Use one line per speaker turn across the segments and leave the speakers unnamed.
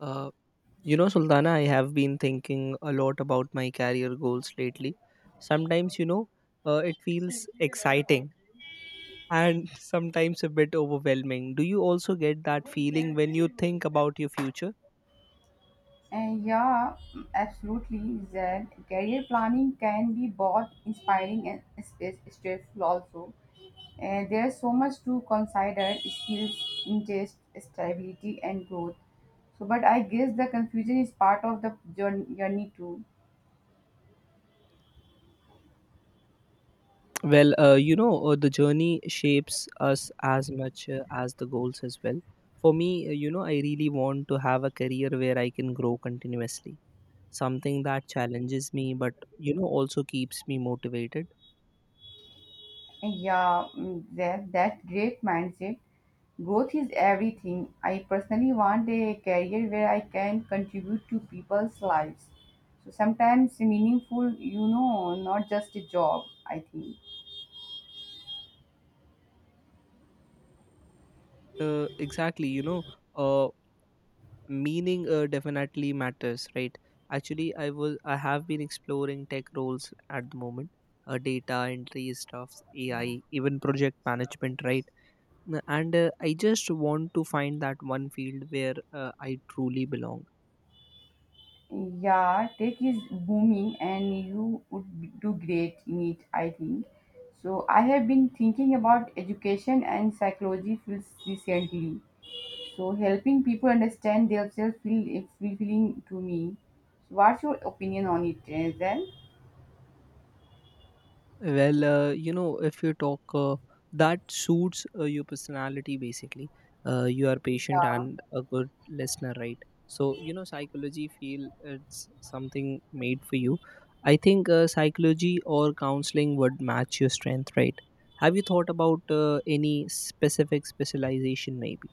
Uh, you know, Sultana, I have been thinking a lot about my career goals lately. Sometimes, it feels exciting and sometimes a bit overwhelming. Do you also get that feeling when you think about your future?
And yeah, absolutely, Zed. Career planning can be both inspiring and stressful also. And there's so much to consider: skills, interest, stability, and growth. So, but I guess the confusion is part of the journey too.
The journey shapes us as much as the goals as well. For me, I really want to have a career where I can grow continuously, something that challenges me, but, you know, also keeps me motivated
Yeah, that great mindset. Growth is everything. I personally want a career where I can contribute to people's lives. So sometimes meaningful, not just a job, I think.
exactly. Uh, Meaning definitely matters, right? Actually, I have been exploring tech roles at the moment. Data entry stuffs, AI, even project management, right? And I just want to find that one field where I truly belong.
Yeah, tech is booming and you would do great in it, I think. So I have been thinking about education and psychology fields recently. So helping people understand themselves feel it's fulfilling to me. So what's your opinion on it, eh, then?
If you talk, that suits your personality basically. You are patient and a good listener, right? So, you know, psychology feel it's something made for you. I think psychology or counseling would match your strength, right? Have you thought about any specific specialization, maybe?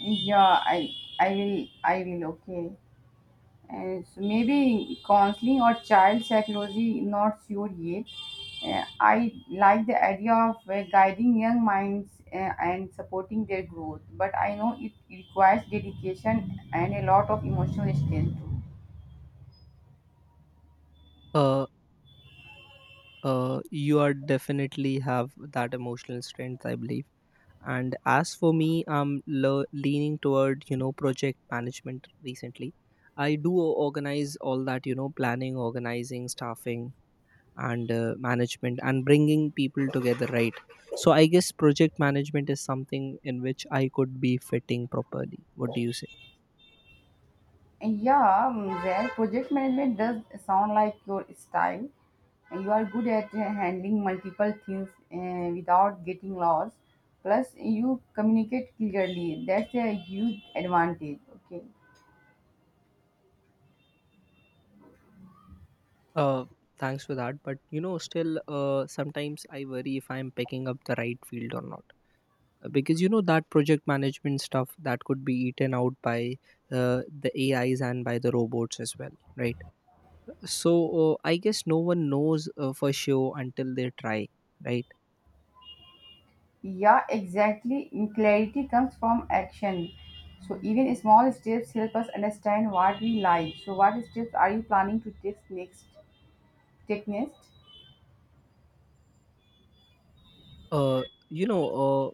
Yeah, I will. Okay. And so maybe counseling or child psychology, not sure yet. I like the idea of guiding young minds and supporting their growth, but I know it requires dedication and a lot of emotional strength too.
Uh, you are definitely have that emotional strength, I believe. And as for me, I'm leaning toward, you know, project management recently. I organize all that, you know, planning, organizing, staffing, and management, and bringing people together, right? So I guess project management is something in which I could be fitting properly. What do you say?
Yeah, Zach, project management does sound like your style. You are good at handling multiple things without getting lost. Plus, you communicate clearly. That's a huge advantage. Okay.
uh Thanks for that. But, you know, still, sometimes I worry if I'm picking up the right field or not. Because, you know, that project management stuff that could be eaten out by the AIs and by the robots as well, right? So I guess no one knows for sure until they try, right?
Yeah, exactly. Clarity comes from action. So even small steps help us understand what we like. So what steps are you planning to take next? Take next?
uh, you know uh,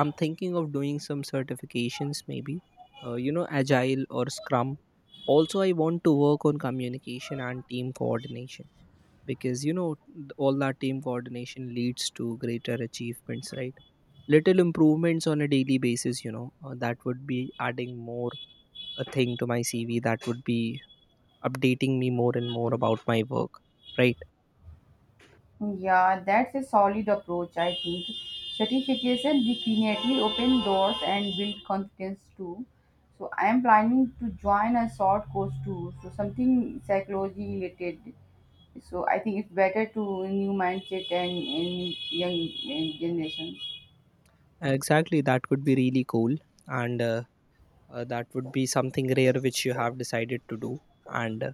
i'm thinking of doing some certifications, maybe agile or scrum. Also, I want to work on communication and team coordination, because, you know, all that team coordination leads to greater achievements, right? Little improvements on a daily basis, you know, that would be adding more a thing to my CV. That would be updating me more and more about my work, right?
Yeah, that's a solid approach, I think. Certification definitely open doors and build confidence too. So I am planning to join a short course too. So something psychology related. So I think it's better to new mindset and young generations.
Exactly, that would be really cool. And that would be something rare which you have decided to do. And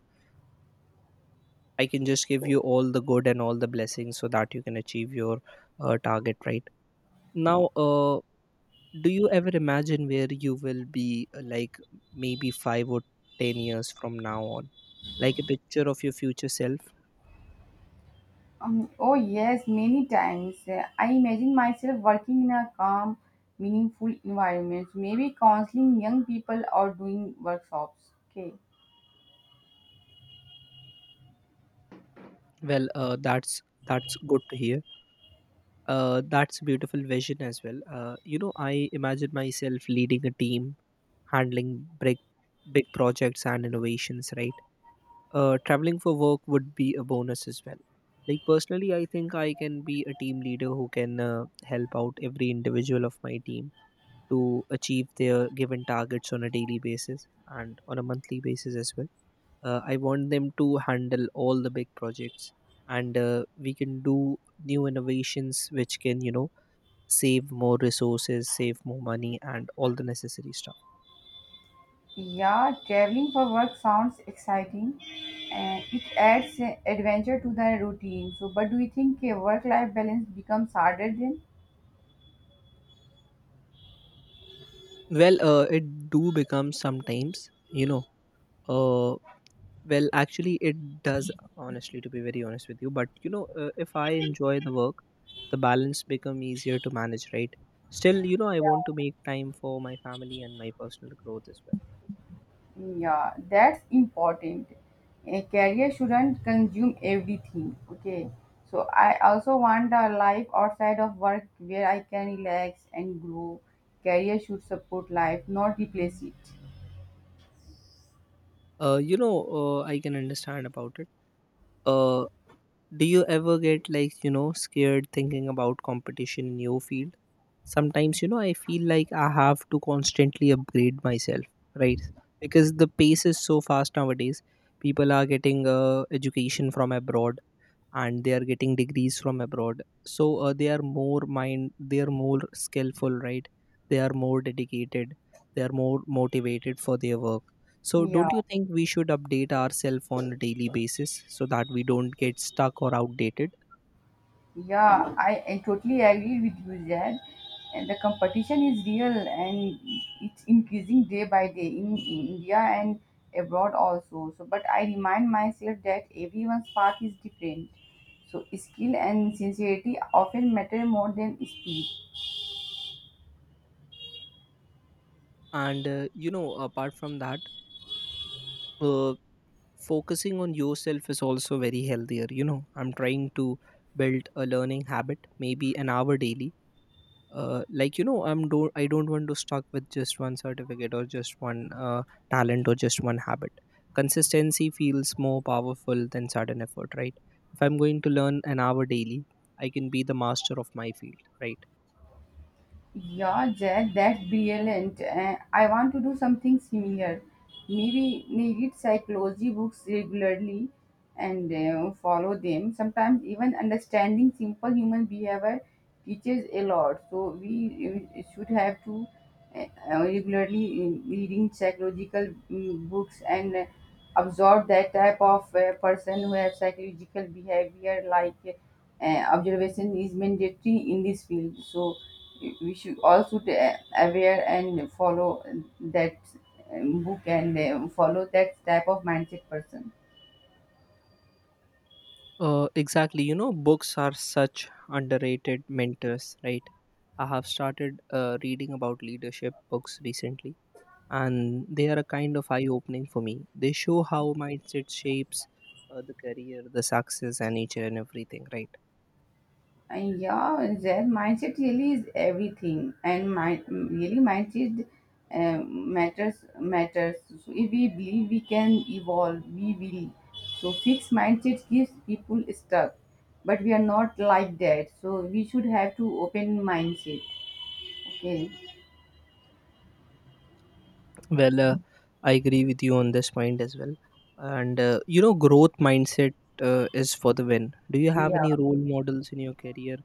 I can just give you all the good and all the blessings so that you can achieve your target, right? Now do you ever imagine where you will be, like maybe 5 or 10 years from now on, like a picture of your future self?
Oh yes, many times. I imagine myself working in a calm, meaningful environment. So, maybe counseling young people or doing workshops. Okay.
Well, that's good to hear. That's a beautiful vision as well. You know, I imagine myself leading a team, handling big projects and innovations, right? Uh, traveling for work would be a bonus as well. Like personally I think I can be a team leader who can help out every individual of my team to achieve their given targets on a daily basis and on a monthly basis as well. I want them to handle all the big projects, and we can do new innovations which can, you know, save more resources, save more money, and all the necessary stuff.
Yeah, traveling for work sounds exciting and it adds adventure to the routine. So, but do you think a work life balance becomes harder then?
Well, it do become sometimes, uh, actually, it does, honestly, to be very honest with you. But, you know, if I enjoy the work, the balance become easier to manage, right? Still, you know, I want to make time for my family and my personal growth as well.
Yeah, that's important. A career shouldn't consume everything. Okay, so I also want a life outside of work where I can relax and grow. Career should support life, not replace it.
I can understand about it. Uh, do you ever get, like, you know, scared thinking about competition in your field? Sometimes, you know, I feel like I have to constantly upgrade myself, right? Because the pace is so fast nowadays. People are getting education from abroad, and they are getting degrees from abroad. So they are more skillful, right? They are more dedicated, they are more motivated for their work. So
Yeah.
don't you think we should update ourselves on a daily basis so that we don't get stuck or outdated?
Yeah, I totally agree with you, Zed. And the competition is real and it's increasing day by day in India and abroad also. So, but I remind myself that everyone's path is different. So, skill and sincerity often matter more than speed.
And you know, apart from that, uh, focusing on yourself is also very healthier. You know, I'm trying to build a learning habit, maybe an hour daily. Like, you know, I don't want to stuck with just one certificate or just one talent or just one habit. Consistency feels more powerful than sudden effort, right? If I'm going to learn an hour daily, I can be the master of my field, right?
Yeah, Jack, that's brilliant. I want to do something similar. Maybe read psychology books regularly and follow them. Sometimes even understanding simple human behavior teaches a lot. So we should have to regularly reading psychological books and absorb that type of person who have psychological behavior like uh, observation is mandatory in this field. So we should also be aware and follow that book and follow that type of mindset person.
Exactly. You know, books are such underrated mentors, right? I have started reading about leadership books recently, and they are a kind of eye opening for me. They show how mindset shapes the career, the success and nature and everything, right?
And yeah, their mindset really is everything, and mind really mindset matters. So if we believe we can evolve, we will. So fixed mindset gives people stuck, but we are not like that. So we should have to open mindset. Okay.
Well, I agree with you on this point as well. And you know, growth mindset is for the win. Do you have
Yeah.
any role models in your career,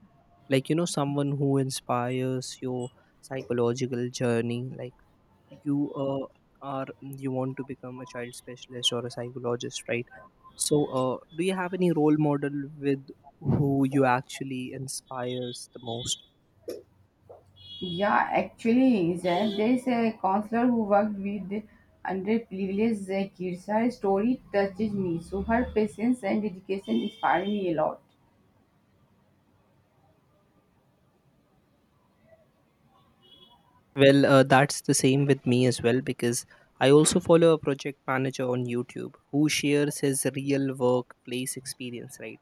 like, you know, someone who inspires your psychological journey, like you are you want to become a child specialist or a psychologist, right? So do you have any role model with who you actually inspires the most?
Yeah, actually, Zain, there is a counselor who worked with underprivileged kids. Her story touches me, so her patience and dedication inspire me a lot.
Well, that's the same with me as well, because I also follow a project manager on YouTube who shares his real workplace experience, right?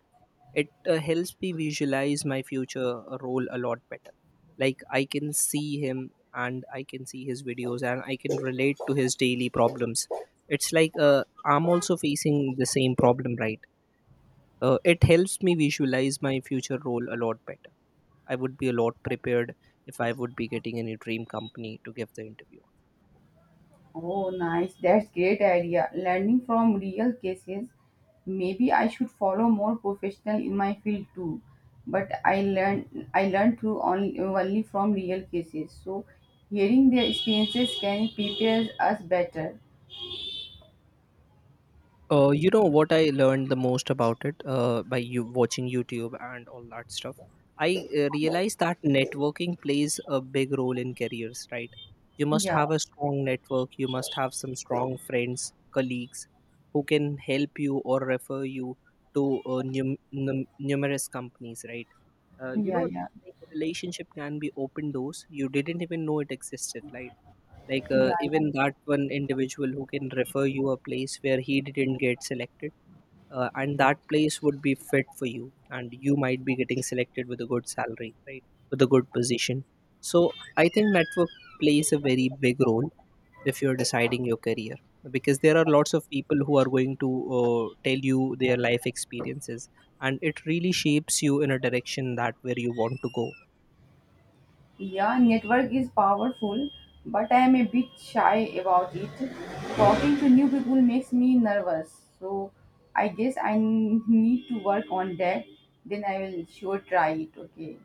It helps me visualize my future role a lot better. Like I can see him, and I can see his videos, and I can relate to his daily problems. It's like I'm also facing the same problem, right? It helps me visualize my future role a lot better. I would be a lot prepared if I would be getting any dream company to give the interview.
Oh, nice. That's great idea. Learning from real cases. Maybe I should follow more professional in my field too. But I learn through only from real cases. So hearing their experiences can prepare us better.
You know what I learned the most about it by you watching YouTube and all that stuff. I realized that networking plays a big role in careers, right? You must
Yeah,
have a strong network. You must have some strong friends, colleagues, who can help you or refer you to numerous companies, right? You
yeah,
know,
yeah,
like relationship can be open doors. You didn't even know it existed, like
yeah.
even that one individual who can refer you a place where he didn't get selected, and that place would be fit for you, and you might be getting selected with a good salary, right? With a good position. So I think network plays a very big role if you're deciding your career, because there are lots of people who are going to tell you their life experiences, and it really shapes you in a direction that where you want to go.
Yeah, network is powerful, but I am a bit shy about it. Talking to new people makes me nervous, so I guess I need to work on that. Then I will sure try it. Okay.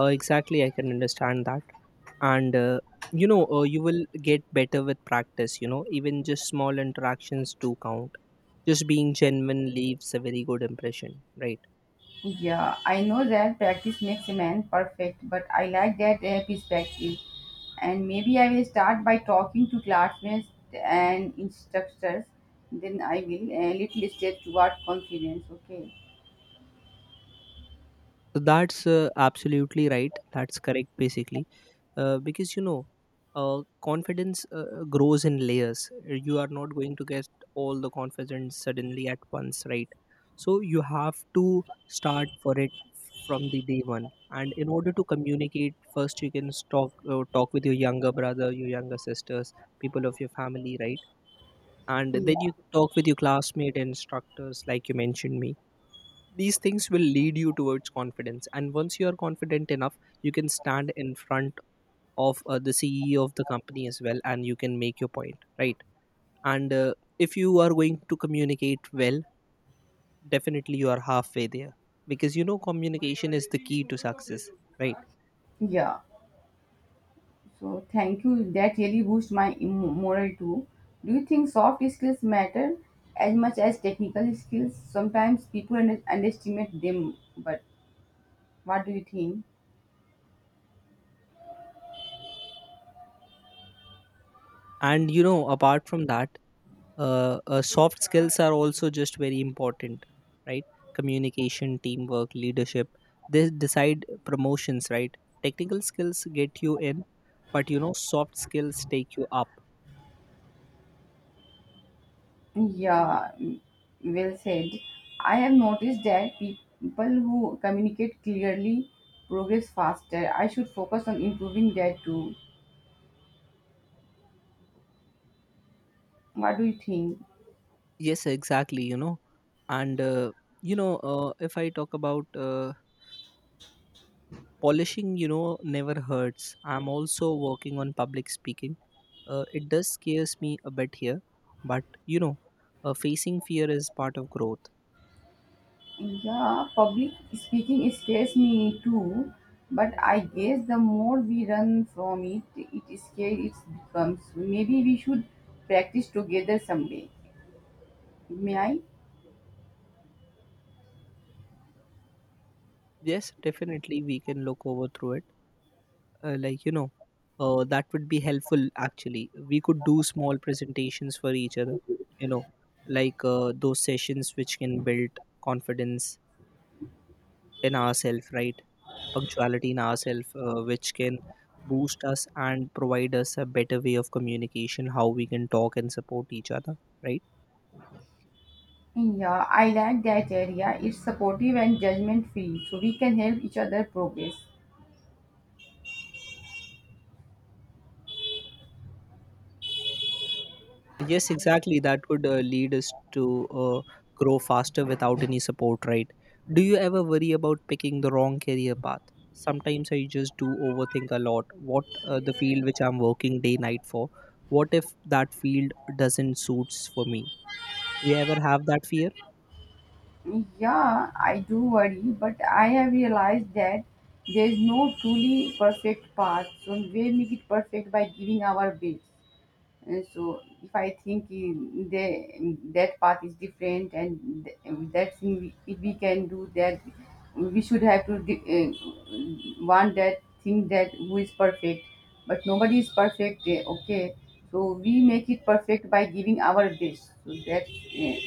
Uh, exactly, I can understand that. And you will get better with practice. You know, even just small interactions do count. Just being genuine leaves a very good impression, right?
Yeah, I know that practice makes a man perfect, but I like that perspective. And maybe I will start by talking to classmates and instructors. Then I will a little step toward confidence. Okay.
So that's absolutely right, that's correct basically. Uh, because, you know, confidence grows in layers. You are not going to get all the confidence suddenly at once, right? So you have to start for it from the day one. And in order to communicate first, you can talk with your younger brother, your younger sisters, people of your family, right? And then you
Yeah.
can talk with your classmate and instructors, like you mentioned me. These things will lead you towards confidence, and once you are confident enough, you can stand in front of the CEO of the company as well, and you can make your point, right? And if you are going to communicate well, definitely you are halfway there, because, you know, communication is the key to success, right?
Yeah. So thank you. That really boosts my morale too. Do you think soft skills matter as much as technical skills? Sometimes people underestimate them, but what do you think?
And you know, apart from that, soft skills are also just very important, right? Communication, teamwork, leadership, they decide promotions, right? Technical skills get you in, but, you know, soft skills take you up.
Yeah, well said. I have noticed that people who communicate clearly progress faster. I should focus on improving that too. What do you think?
Yes, exactly. You know, and if I talk about polishing, you know, never hurts. I'm also working on public speaking. It does scares me a bit here, but, you know, facing fear is part of growth.
Yeah, public speaking scares me too, but I guess the more we run from it, it scares it becomes. Maybe we should practice together someday. May I?
Yes, definitely, we can look over through it. Like, you know, that would be helpful. Actually, we could do small presentations for each other. You know, like those sessions which can build confidence in ourselves, right? Punctuality in ourselves, which can boost us and provide us a better way of communication, how we can talk and support each other, right?
Yeah, I like that area. It's supportive and judgment free, so we can help each other progress.
Yes, exactly. That could lead us to grow faster without any support, right? Do you ever worry about picking the wrong career path? Sometimes I just do overthink a lot. What the field which I'm working day night for? What if that field doesn't suits for me? Do you ever have that fear?
Yeah, I do worry, but I have realized that there's no truly perfect path, so we make it perfect by giving our best. And so if I think that path is different and that thing we, if we can do that, we should have to want that thing that who is perfect. But nobody is perfect, eh, okay? So we make it perfect by giving our best. So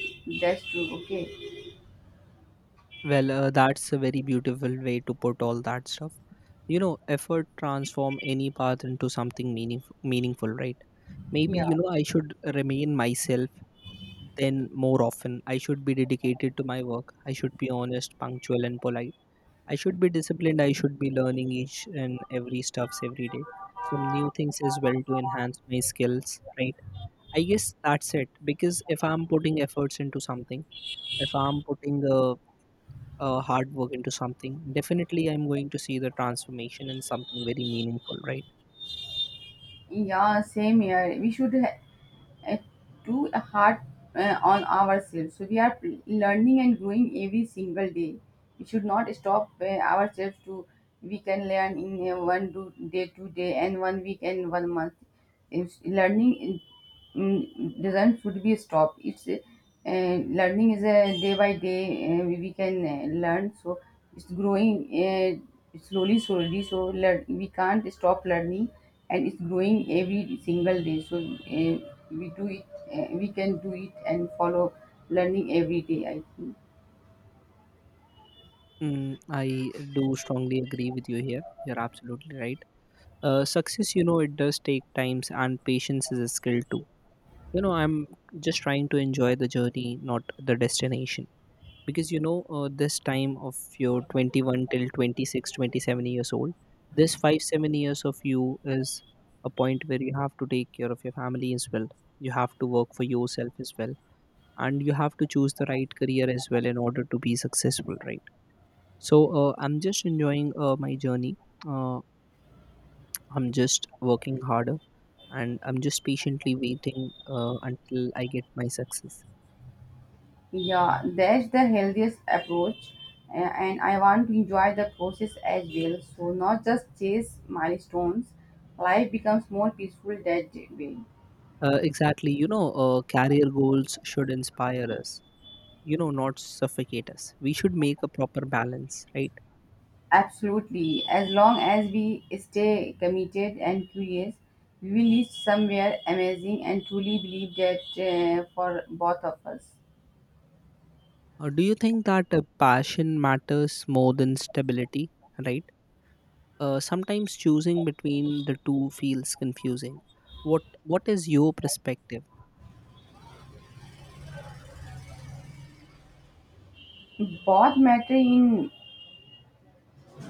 that's true, okay?
Well, that's a very beautiful way to put all that stuff. You know, effort transform any path into something meaningful, right? Maybe
Yeah,
you know I should remain myself. Then more often, I should be dedicated to my work. I should be honest, punctual, and polite. I should be disciplined. I should be learning each and every stuffs every day. Some new things as well to enhance my skills, right? I guess that's it. Because if I'm putting efforts into something, if I'm putting hard work into something, definitely I'm going to see the transformation in something very meaningful, right?
yeah, same here. We should uh, too hard on ourselves. So we are learning and growing every single day. We should not stop ourselves to. We can learn in one day, 2 day, and one week and one month. It's learning doesn't should be stopped. It's learning is a day by day. We can learn. So it's growing slowly, slowly. So we can't stop learning and it's growing every single day, so we do it we can do it and follow learning every day, I think.
Mm, I do strongly agree with you here. You're absolutely right. Success, you know, it does take times and patience is a skill too. You know, I'm just trying to enjoy the journey, not the destination. Because you know, this time of your 21 till 26 27 years old, this 5 7 years of you is a point where you have to take care of your family as well. You have to work for yourself as well, and you have to choose the right career as well in order to be successful, right? So I'm just enjoying my journey. uh, I'm just working harder, and I'm just patiently waiting until I get my success.
Yeah, that's the healthiest approach, uh, and I want to enjoy the process as well, so not just chase milestones. Life becomes more peaceful that way.
Exactly, you know. Career goals should inspire us, you know, not suffocate us. We should make a proper balance, right?
Absolutely, as long as we stay committed and curious, we will reach somewhere amazing and truly believe that for both of us.
Do you think that passion matters more than stability, right? Sometimes choosing between the two feels confusing. What is your perspective?
Both matter in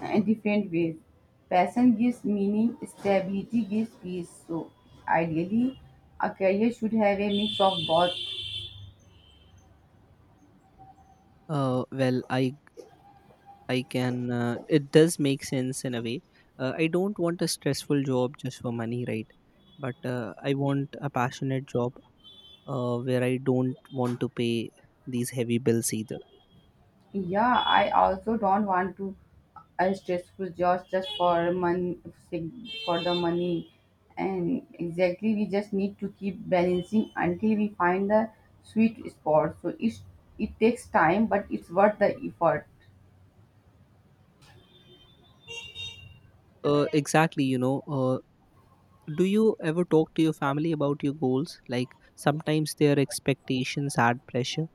different ways. Passion gives meaning, stability gives peace. So, ideally, a career should have a mix of both.
Well, I can. It does make sense in a way. I don't want a stressful job just for money, right? But I want a passionate job where I don't want to pay these heavy bills either.
Yeah, I also don't want to a stressful job just for the money, and exactly we just need to keep balancing until we find the sweet spot. So it takes time, but it's worth the effort.
Exactly. You know. Do you ever talk to your family about your goals? Like sometimes their expectations add pressure.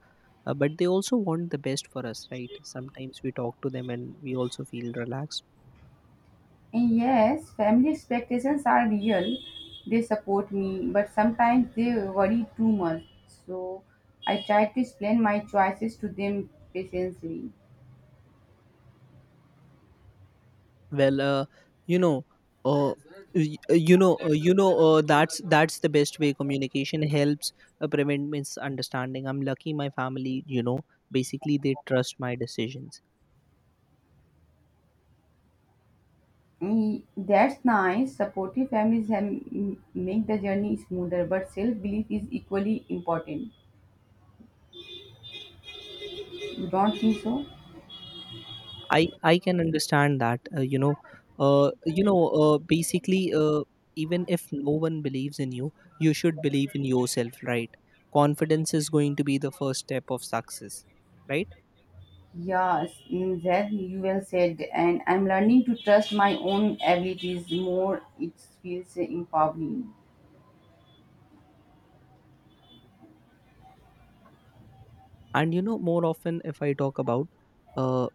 But they also want the best for us, right? Sometimes we talk to them and we also feel relaxed.
And yes, family expectations are real. They support me, but sometimes they worry too much. So I try to explain my choices to them patiently.
Well, you know uh, y- you know that's the best way. Communication helps prevent misunderstanding. I'm lucky my family, you know, basically they trust my decisions.
And that's nice. Supportive families have make the journey smoother, but self belief is equally important. You don't think so?
I can understand that. Basically, even if no one believes in you, you should believe in yourself, right? Confidence is going to be the first step of success, right?
Yes, that you well said. And I'm learning to trust my own abilities more. It feels empowering.
And you know, more often if I talk about uh,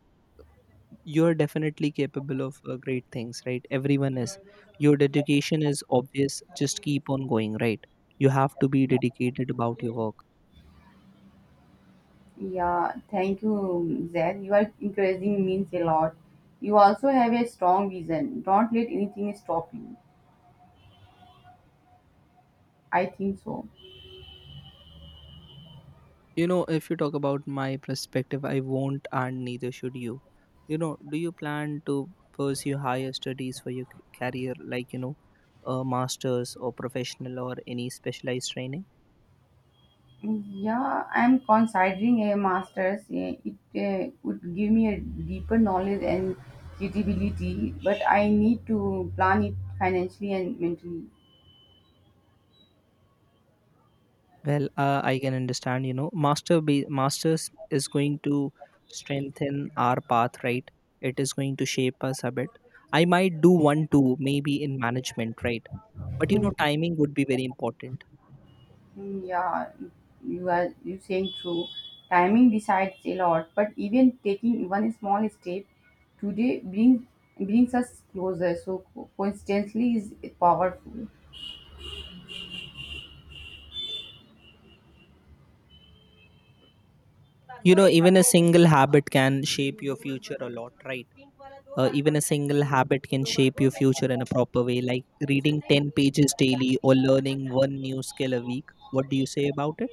you're definitely capable of great things, right? Everyone is. Your dedication is obvious. Just keep on going, right? You have to be dedicated about your work.
Yeah, thank you, Zed. You are encouraging means a lot. You also have a strong vision. Don't let anything stop you. I think so.
You know, if you talk about my perspective, I won't and neither should you. You know, do you plan to pursue higher studies for your career, like, you know, a master's or professional or any specialized training?
Yeah, I'm considering a master's. It would give me a deeper knowledge and credibility, but I need to plan it financially and mentally.
Well, I can understand, you know, masters is going to strengthen our path, right? It is going to shape us a bit. I might do one too, maybe in management, right? But you
Hmm.
know, timing would be very important.
Mm, yeah, you saying true. Timing decides a lot, but even taking one small step today brings us closer. So coincidentally is powerful.
You know, even a single habit can shape your future a lot, right? Even a single habit can shape your future in a proper way, like reading 10 pages daily or learning one new skill a week. What do you say about it?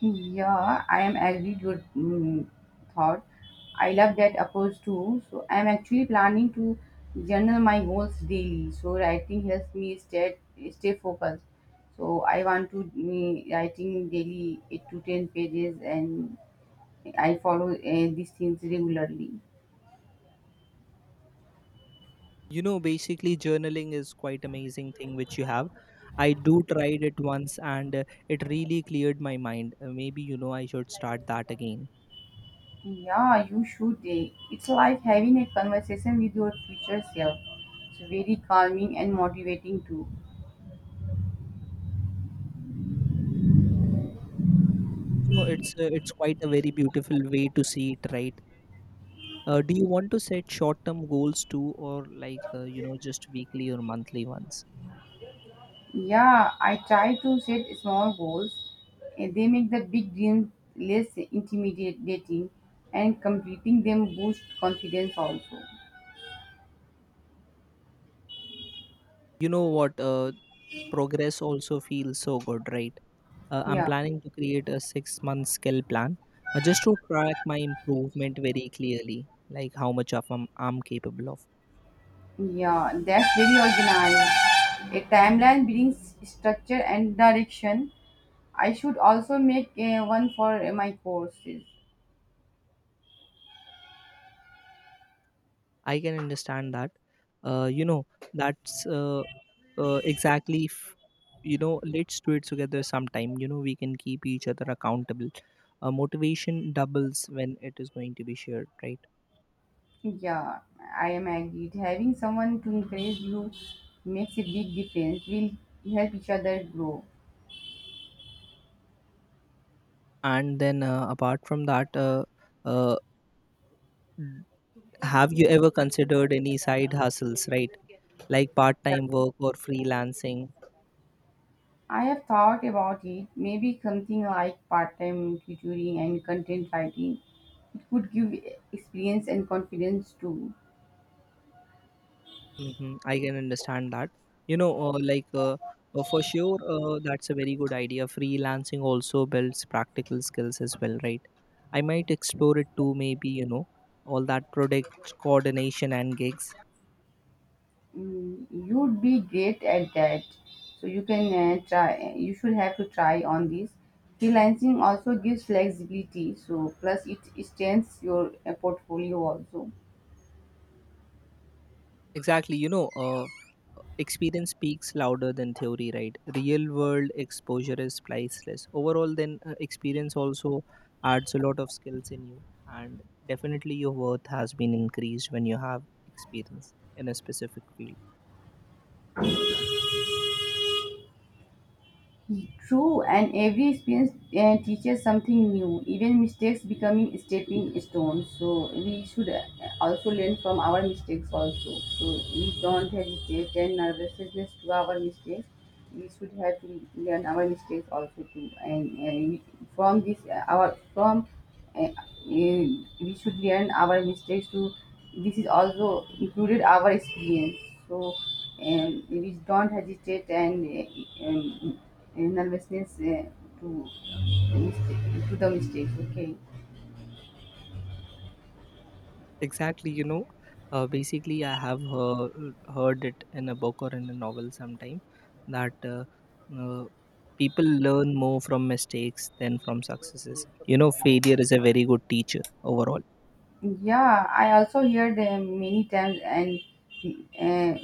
Yeah, I am agreed your thought. I love that approach too. So I am actually planning to journal my goals daily. So writing helps me stay focused. So I want to writing daily 8 to 10 pages and I follow these things regularly.
You know, basically, journaling is quite amazing thing which you have. I do tried it once and it really cleared my mind. Maybe you know I should start that again.
Yeah, you should. It's like having a conversation with your future self. It's very calming and motivating too.
You know, it's quite a very beautiful way to see it, right? Do you want to set short-term goals too, or like you know just weekly or monthly ones?
Yeah, I try to set small goals, and they make the big dreams less intimidating and completing them boosts confidence also.
You know what, progress also feels so good, right? I'm
Yeah,
planning to create a 6 month skill plan just to track my improvement very clearly, like how much of I'm capable of.
yeah, that's very organized. A timeline brings structure and direction. I should also make one for my courses.
I can understand that. You know, that's Exactly, you know, let's do it together sometime. You know, we can keep each other accountable. Motivation doubles when it is going to be shared, right?
Yeah, I am agreed. Having someone to encourage you makes a big difference. We'll help each other grow.
And then apart from that, uh, have you ever considered any side hustles, right? Like part time work or freelancing.
I have thought about it. Maybe something like part-time tutoring and content writing. It could give experience and confidence too.
Hmm, I can understand that. You know, for sure, that's a very good idea. Freelancing also builds practical skills as well, right? I might explore it too, maybe, you know, all that product coordination and gigs.
Mm, you'd be great at that. So you can try. You should have to try on this. Freelancing also gives flexibility. So plus it strengthens your portfolio also.
Exactly. You know, experience speaks louder than theory, right? Real world exposure is priceless. Overall, then experience also adds a lot of skills in you, and definitely your worth has been increased when you have experience in a specific field.
True, and every experience teaches something new. Even mistakes becoming stepping stones. So we should also learn from our mistakes also. So we don't hesitate and nervousness to our mistakes. We should have to learn our mistakes also too. And from this, our from uh, we should learn our mistakes to this is also included our experience so we don't hesitate and nervousness to the mistakes. Okay.
Exactly. You know, basically, I have heard it in a book or in a novel sometime that. Uh, People learn more from mistakes than from successes. You know, failure is a very good teacher overall.
Yeah, I also heard many times, and uh,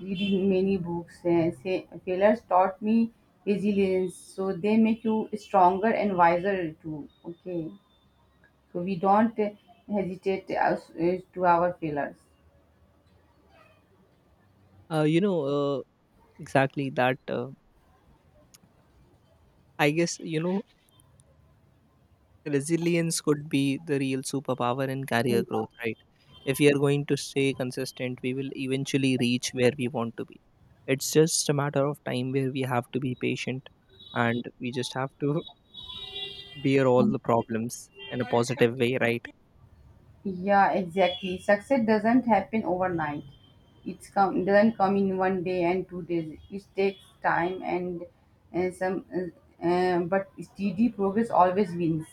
reading many books say failures taught me resilience, so they make you stronger and wiser too. Okay. So we don't hesitate us to our failures.
You know, exactly that. I guess, you know, resilience could be the real superpower in career
Mm.
growth, right? If we are going to stay consistent, we will eventually reach where we want to be. It's just a matter of time where we have to be patient, and we just have to bear all the problems in a positive way, right?
Yeah, exactly. Success doesn't happen overnight. It's come doesn't come in one day and 2 days. It takes time and some, but steady progress always wins.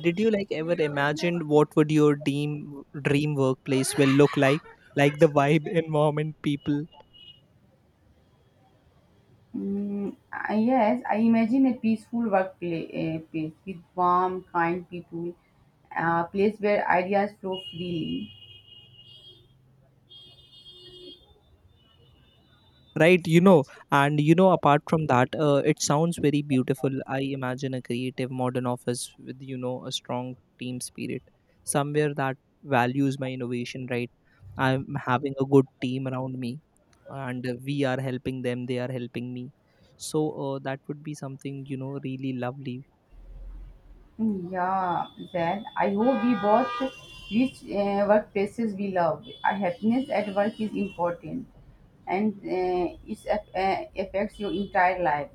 Did you like ever imagine what would your dream workplace will look like? Like the vibe, environment, people,
Yes, I imagine a peaceful workplace with warm, kind people, a place where ideas flow freely.
right? You know, and you know, apart from that, it sounds very beautiful. I imagine a creative modern office with, you know, a strong team spirit, somewhere that values my innovation, right? I'm having a good team around me, and we are helping them, they are helping me. So that would be something, you know, really lovely.
Yeah, then I hope we both reach workplaces we love. Our happiness at work is important, and it affects your entire life.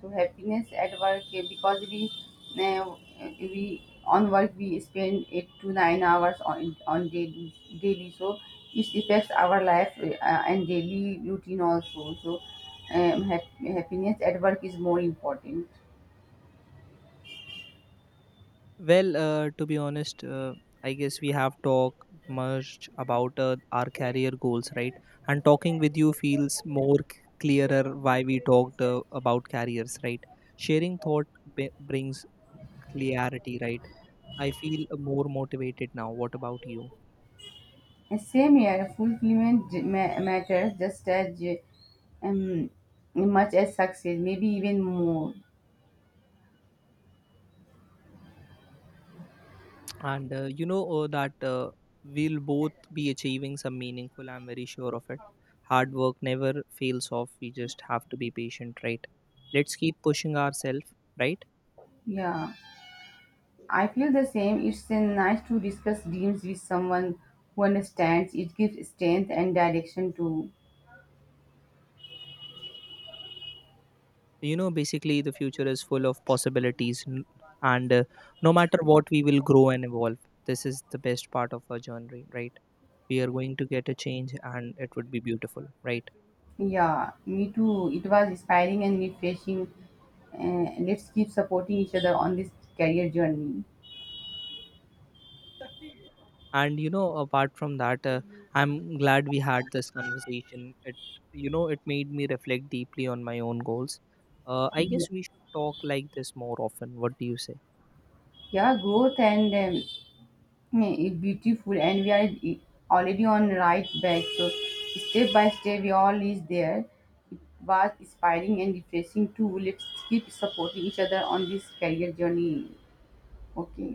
So happiness at work, because uh, we on work we spend 8 to 9 hours on daily daily. So it affects our life and daily routine also. So happiness at work is more important.
Well, to be honest, I guess we have talked much about our career goals, right? And talking with you feels more clearer why we talked about careers, right? Sharing thought brings clarity, right? I feel more motivated now. What about you?
Same year, fulfillment matters just as um, much as success, maybe even more.
And that we'll both be achieving some meaningful. I'm very sure of it. Hard work never fails off. We just have to be patient, right? Let's keep pushing ourselves, right?
Yeah, I feel the same. It's nice to discuss dreams with someone who understands. It gives strength and direction to.
You know, basically the future is full of possibilities, and no matter what, we will grow and evolve. This is the best part of our journey, right? We are going to get a change and it would be beautiful, right?
Yeah, me too. It was inspiring and refreshing. Let's keep supporting each other on this career journey.
And you know, apart from that, I'm glad we had this conversation. It, you know, it made me reflect deeply on my own goals. Uh, I
Yeah,
guess we should talk like this more often. What do you say?
yeah, growth and yeah, it's beautiful, and we are already on right back. So step by step, we all is there. It was inspiring and refreshing too. Let's keep supporting each other on this career journey. Okay,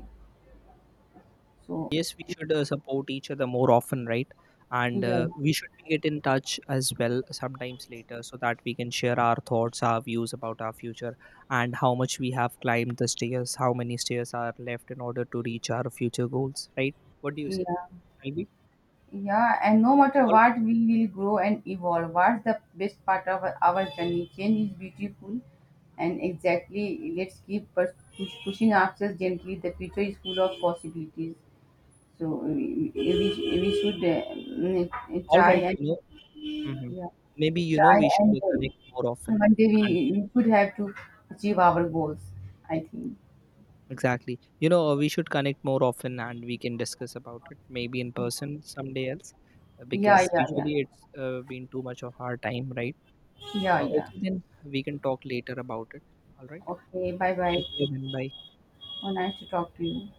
so
Yes, we should support each other more often, right? And
yeah,
we should be get in touch as well sometimes later, so that we can share our thoughts, our views about our future, and how much we have climbed the stairs, how many stairs are left in order to reach our future goals, right? What do you say?
yeah,
Shall we?
yeah. And no matter
All,
what, we will grow and evolve. What's the best part of our journey? Change is beautiful, and exactly, let's keep pushing ourselves gently. The future is full of possibilities. So we should mm,
all
try
right,
and
you know, hmm,
yeah,
maybe you know
try
we should
and
connect more often,
one day we,
and
we could have to achieve our goals. I think.
exactly, you know, we should connect more often and we can discuss about it maybe in person someday else,
Yeah,
because
yeah, yeah,
usually it's been too much of our time, right?
yeah, yeah.
Okay, then we can talk later about it. All right.
Okay. Bye, bye.
Take care then. Bye.
Oh, nice to talk to you.